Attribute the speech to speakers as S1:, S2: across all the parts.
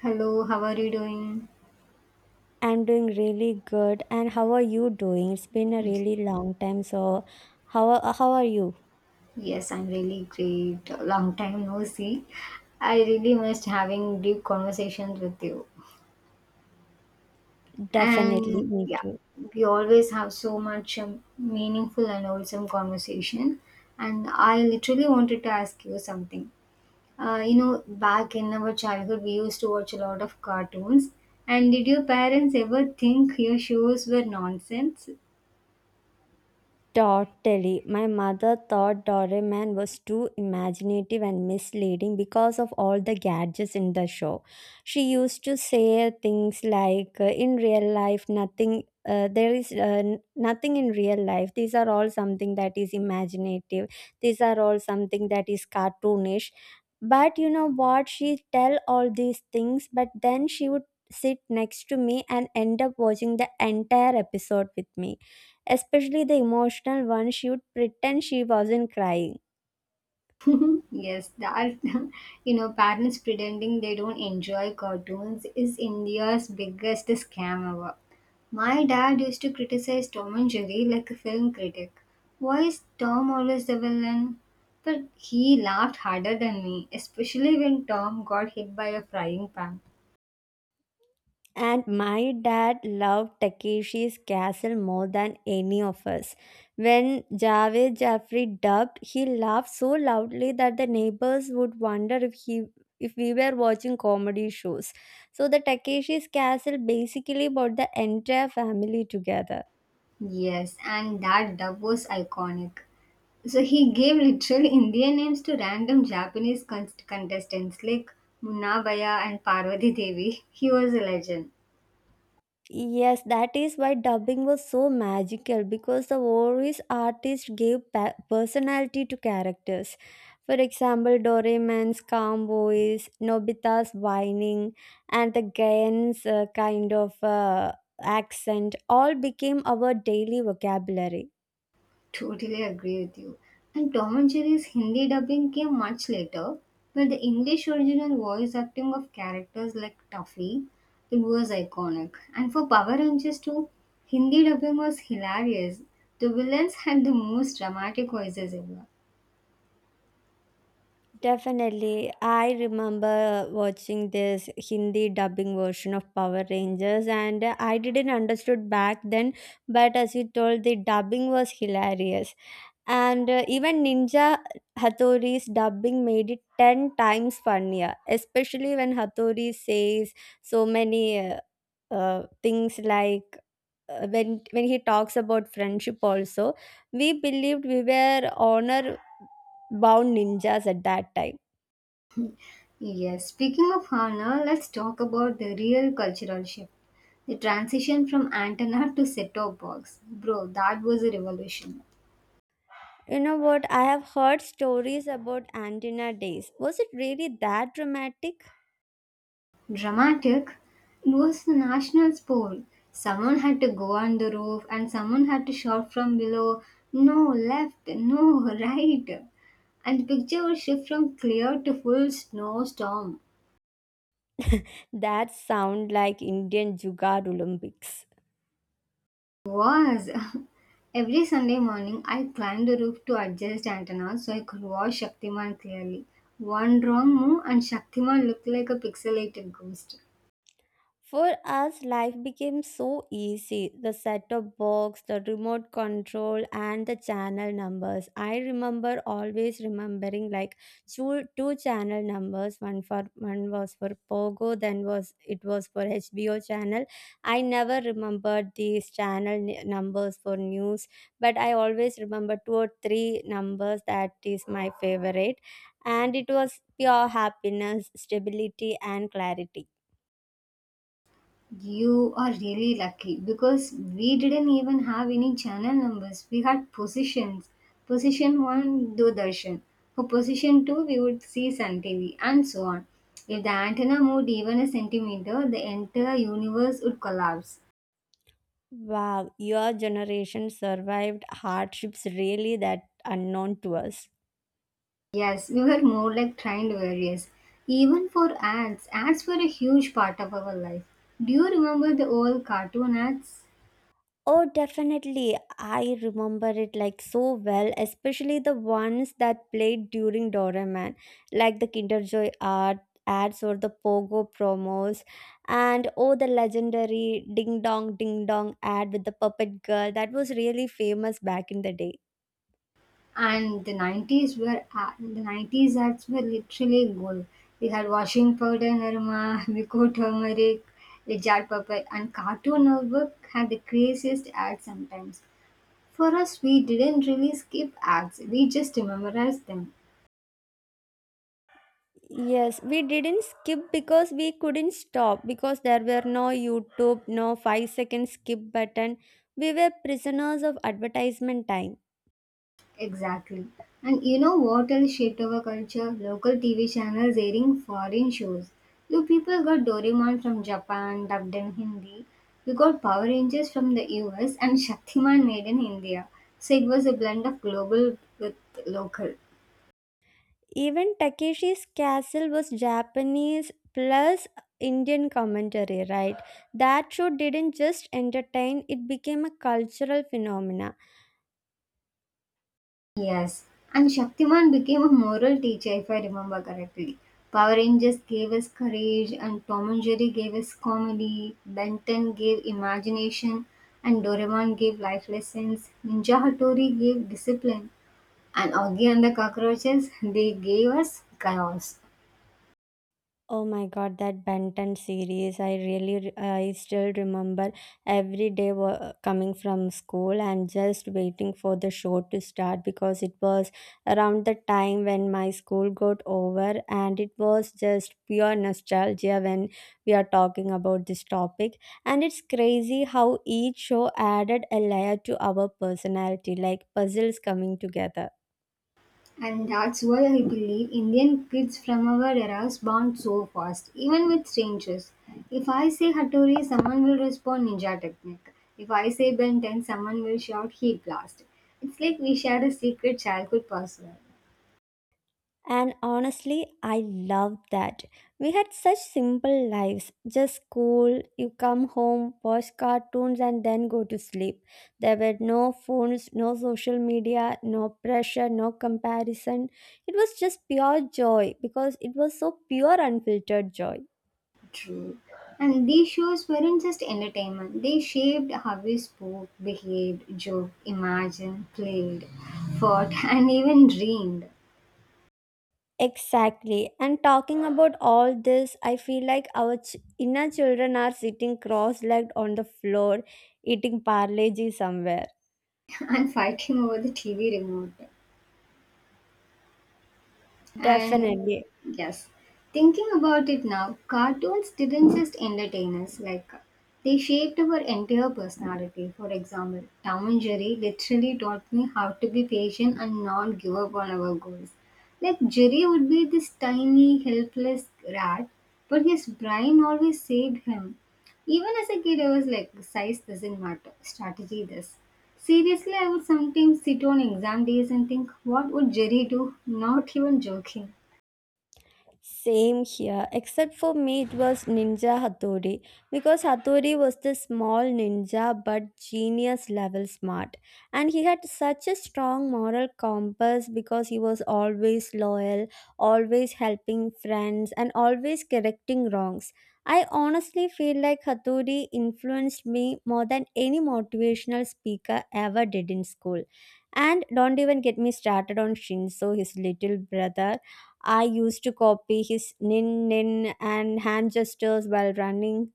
S1: Hello, how are you doing?
S2: I'm doing really good. And how are you doing? It's been a really long time. So, how are you?
S1: Yes, I'm really great. Long time no see. I really missed having deep conversations with you.
S2: Definitely,
S1: And
S2: me
S1: yeah,
S2: too.
S1: we always have so much meaningful and wholesome conversation. And I literally wanted to ask you something. Back in our childhood, we used to watch a lot of cartoons. And did your parents ever think your shows were nonsense?
S2: Totally. My mother thought Doraemon was too imaginative and misleading because of all the gadgets in the show. She used to say things like, "In real life, nothing. There is nothing in real life. These are all something that is imaginative. These are all something that is cartoonish." But you know what? She tell all these things, but then she would sit next to me and end up watching the entire episode with me, especially the emotional one. She would pretend she wasn't crying.
S1: Yes, that. Parents pretending they don't enjoy cartoons is India's biggest scam ever. My dad used to criticize Tom and Jerry like a film critic. Why is Tom always the villain? But he laughed harder than me, especially when Tom got hit by a frying pan.
S2: And my dad loved Takeshi's Castle more than any of us. When Javed Jaffrey dubbed, he laughed so loudly that the neighbors would wonder if we were watching comedy shows. So the Takeshi's Castle basically brought the entire family together.
S1: Yes, and that dub was iconic. So he gave literal Indian names to random Japanese contestants like Munabaya and Parvati Devi. He was a legend.
S2: Yes, that is why dubbing was so magical, because the voice artist gave personality to characters. For example, Doraemon's calm voice, Nobita's whining, and the Gaen's kind of accent all became our daily vocabulary.
S1: Totally agree with you. And Tom and Jerry's Hindi dubbing came much later, but the English original voice acting of characters like Tuffy, it was iconic. And for Power Rangers too, Hindi dubbing was hilarious. The villains had the most dramatic voices ever.
S2: Definitely. I remember watching this Hindi dubbing version of Power Rangers and I didn't understood back then, but as you told, the dubbing was hilarious, and even Ninja Hatori's dubbing made it 10 times funnier, especially when Hattori says so many things like, when he talks about friendship also. We believed we were honor bound ninjas at that time.
S1: Yes, speaking of honor, let's talk about the real cultural shift. The transition from antenna to set-top box, bro, that was a revolution.
S2: You know what? I have heard stories about antenna days. Was it really that dramatic?
S1: Dramatic. It was the national sport. Someone had to go on the roof and someone had to shout from below, no left, no right. And the picture would shift from clear to full snowstorm.
S2: That sound like Indian Jugaad Olympics.
S1: Was every Sunday morning I climbed the roof to adjust antennas so I could watch Shaktiman clearly. One wrong move and Shaktiman looked like a pixelated ghost.
S2: For us, life became so easy. The set top box, the remote control, and the channel numbers. I remember always remembering like two channel numbers. One was for Pogo, then was for HBO channel. I never remembered these channel numbers for news, but I always remember two or three numbers that is my favorite, and it was pure happiness, stability, and clarity.
S1: You are really lucky because we didn't even have any channel numbers. We had positions. Position 1, Doordarshan. For position 2, we would see Sun TV and so on. If the antenna moved even a centimeter, the entire universe would collapse.
S2: Wow, your generation survived hardships really that unknown to us.
S1: Yes, we were more like trained warriors. Even for ads, ads were a huge part of our life. Do you remember the old cartoon ads?
S2: Oh, definitely. I remember it like so well, especially the ones that played during Doraemon, like the Kinder Joy art ads or the Pogo promos, and oh, the legendary Ding Dong Ding Dong ad with the puppet girl that was really famous back in the day.
S1: And the 90s ads were literally gold. We had washing powder Nirma, Miko turmeric, the jar purple, and Cartoon Network had the craziest ads sometimes. For us, we didn't really skip ads; we just memorized them.
S2: Yes, we didn't skip because we couldn't stop, because there were no YouTube, no 5-second skip button. We were prisoners of advertisement time.
S1: Exactly. And you know what else shaped our culture? Local TV channels airing foreign shows. You people got Doraemon from Japan, dubbed in Hindi. You got Power Rangers from the US and Shaktiman made in India. So it was a blend of global with local.
S2: Even Takeshi's Castle was Japanese plus Indian commentary, right? That show didn't just entertain, it became a cultural phenomena.
S1: Yes, and Shaktiman became a moral teacher if I remember correctly. Power Rangers gave us courage, and Tom and Jerry gave us comedy, Benton gave imagination, and Doraemon gave life lessons, Ninja Hattori gave discipline, and Augie and the Cockroaches, they gave us chaos.
S2: Oh my god, that Benton series. I still remember every day coming from school and just waiting for the show to start, because it was around the time when my school got over, and it was just pure nostalgia when we are talking about this topic. And it's crazy how each show added a layer to our personality, like puzzles coming together.
S1: And that's why I believe Indian kids from our eras bond so fast, even with strangers. If I say Hattori, someone will respond Ninja Technique. If I say Ben 10, someone will shout Heat Blast. It's like we share a secret childhood password.
S2: And honestly, I loved that. We had such simple lives, just school, you come home, watch cartoons, and then go to sleep. There were no phones, no social media, no pressure, no comparison. It was just pure joy, because it was so pure, unfiltered joy.
S1: True. And these shows weren't just entertainment, they shaped how we spoke, behaved, joked, imagined, played, fought, and even dreamed.
S2: Exactly. And talking about all this, I feel like our inner children are sitting cross legged on the floor, eating parleji somewhere.
S1: I'm fighting over the TV remote. And
S2: Definitely.
S1: yes, thinking about it now, cartoons didn't just entertain us, like, they shaped our entire personality. For example, Tom and Jerry literally taught me how to be patient and not give up on our goals. Like Jerry would be this tiny, helpless rat, but his brain always saved him. Even as a kid, I was like, size doesn't matter, strategy does. Seriously, I would sometimes sit on exam days and think, what would Jerry do? Not even joking.
S2: Same here, except for me, it was Ninja Hattori, because Hattori was the small ninja but genius level smart, and he had such a strong moral compass, because he was always loyal, always helping friends, and always correcting wrongs. I honestly feel like Hattori influenced me more than any motivational speaker ever did in school. And don't even get me started on Shinso, his little brother. I used to copy his nin nin and hand gestures while running.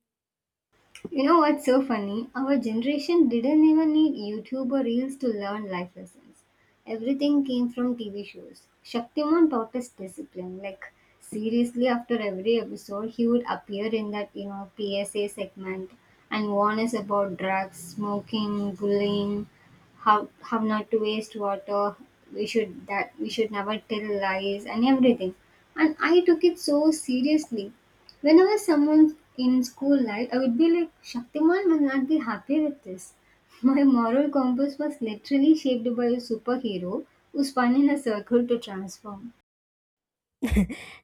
S1: You know what's so funny? Our generation didn't even need YouTube or Reels to learn life lessons. Everything came from TV shows. Shaktiman taught us discipline. Like, seriously, after every episode, he would appear in that, PSA segment and warn us about drugs, smoking, bullying, how not to waste water, we should never tell lies and everything. And I took it so seriously. Whenever someone in school life, I would be like, Shaktiman will not be happy with this. My moral compass was literally shaped by a superhero who spun in a circle to transform.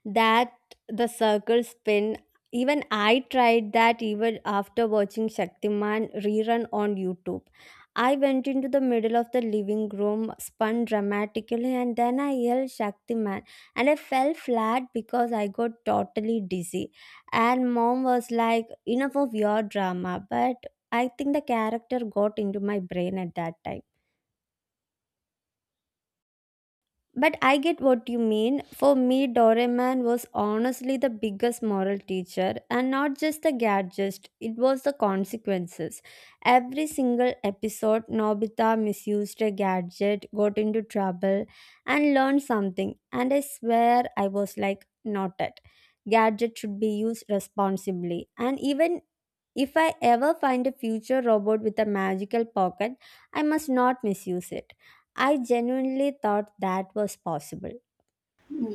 S2: That the circle spin. Even I tried that, even after watching Shaktiman rerun on YouTube. I went into the middle of the living room, spun dramatically, and then I yelled Shaktiman. And I fell flat because I got totally dizzy. And mom was like, "Enough of your drama." But I think the character got into my brain at that time. But I get what you mean. For me, Doraemon was honestly the biggest moral teacher, and not just the gadgets, it was the consequences. Every single episode, Nobita misused a gadget, got into trouble, and learned something. And I swear I was like, not it. Gadget should be used responsibly. And even if I ever find a future robot with a magical pocket, I must not misuse it. I genuinely thought that was possible.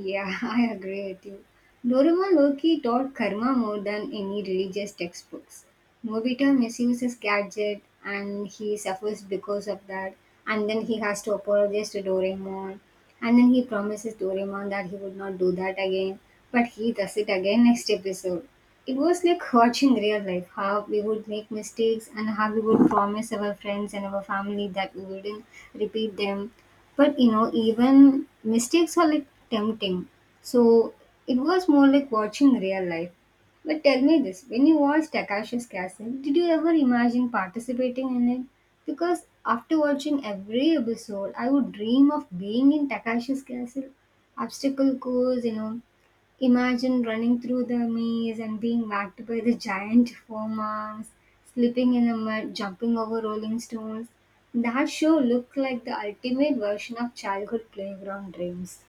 S1: Yeah, I agree with you. Doraemon Loki taught karma more than any religious textbooks. Nobita misuses gadget and he suffers because of that. And then he has to apologize to Doraemon. And then he promises Doraemon that he would not do that again. But he does it again next episode. It was like watching real life, how we would make mistakes and how we would promise our friends and our family that we wouldn't repeat them. But you know, even mistakes are like tempting, so it was more like watching real life. But tell me this, when you watched Takashi's Castle, did you ever imagine participating in it? Because after watching every episode, I would dream of being in Takashi's Castle obstacle course. Imagine running through the maze and being whacked by the giant forearms, slipping in the mud, jumping over rolling stones. That show looked like the ultimate version of childhood playground dreams.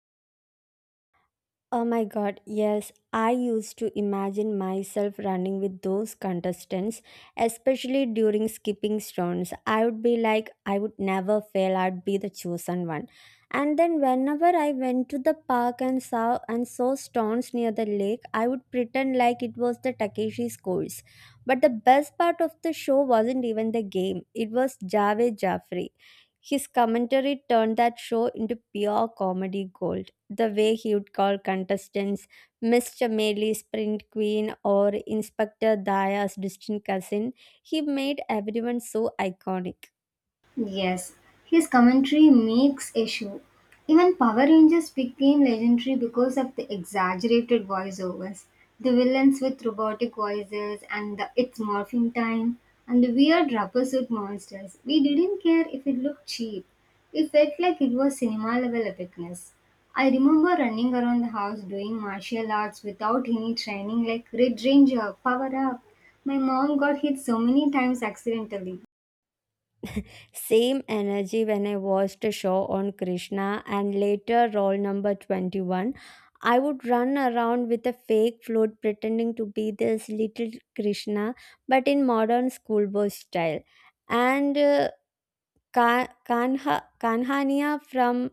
S2: Oh my god, yes. I used to imagine myself running with those contestants, especially during skipping rounds. I would be like, I would never fail, I'd be the chosen one. And then whenever I went to the park and saw stones near the lake, I would pretend like it was the Takeshi's course. But the best part of the show wasn't even the game. It was Javed Jaffrey. His commentary turned that show into pure comedy gold, the way he would call contestants Mr. Maley, Sprint Queen, or Inspector Daya's distant cousin. He made everyone so iconic.
S1: Yes, his commentary makes issue. Even Power Rangers became legendary because of the exaggerated voiceovers, the villains with robotic voices, and the it's morphing time, and the weird rubber suit monsters. We didn't care if it looked cheap. It felt like it was cinema level epicness. I remember running around the house doing martial arts without any training, like Red Ranger, power up. My mom got hit so many times accidentally.
S2: Same energy when I watched a show on Krishna and later Roll Number 21. I would run around with a fake float pretending to be this little Krishna, but in modern schoolboy style. And Kanhania from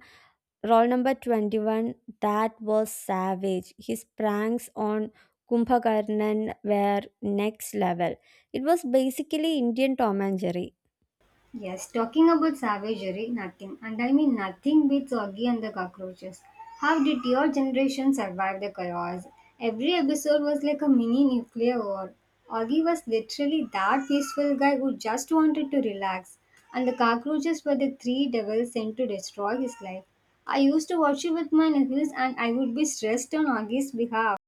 S2: Roll number 21, that was savage. His pranks on Kumbhakarnan were next level. It was basically Indian Tom and Jerry.
S1: Yes, talking about savagery, nothing. And I mean nothing beats Oggy and the cockroaches. How did your generation survive the chaos? Every episode was like a mini nuclear war. Oggy was literally that peaceful guy who just wanted to relax. And the cockroaches were the three devils sent to destroy his life. I used to watch it with my nephews and I would be stressed on Oggy's behalf.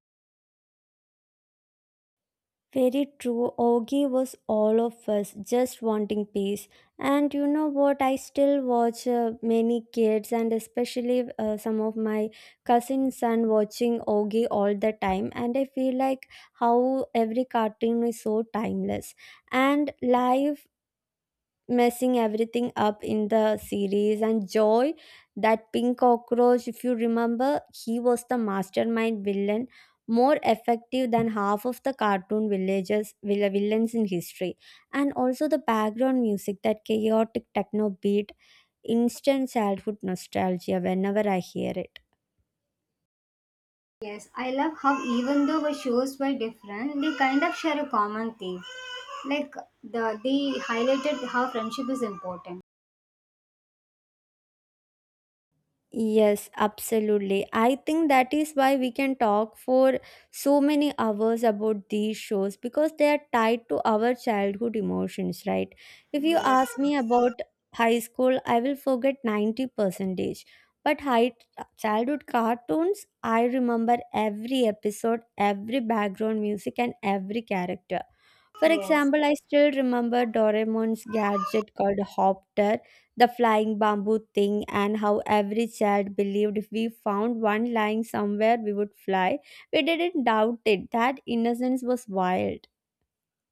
S2: Very true. Ogi was all of us just wanting peace. And you know what? I still watch many kids, and especially some of my cousins and watching Ogi all the time. And I feel like how every cartoon is so timeless. And life messing everything up in the series and joy, that pink cockroach, if you remember, he was the mastermind villain, more effective than half of the cartoon villages villains in history. And also the background music, that chaotic techno beat, instant childhood nostalgia whenever I hear it.
S1: Yes, I love how even though the shows were different, they kind of share a common theme. Like, they highlighted how friendship is important.
S2: Yes, absolutely. I think that is why we can talk for so many hours about these shows, because they are tied to our childhood emotions, right? If you
S1: Yes,
S2: ask me about high school, I will forget 90 percentage. But high childhood cartoons, I remember every episode, every background music, and every character. For
S1: yes.
S2: example, I still remember Doraemon's gadget called Hopter, the flying bamboo thing, and how every child believed if we found one lying somewhere, we would fly. We didn't doubt it. That innocence was wild.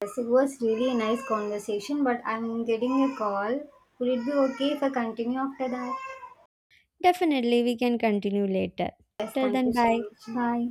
S1: Yes, it was really a nice conversation, but I'm getting a call. Would it be okay if I continue after that?
S2: Definitely, we can continue later.
S1: Yes,
S2: Till
S1: thank
S2: then,
S1: you so
S2: bye.
S1: much. Bye.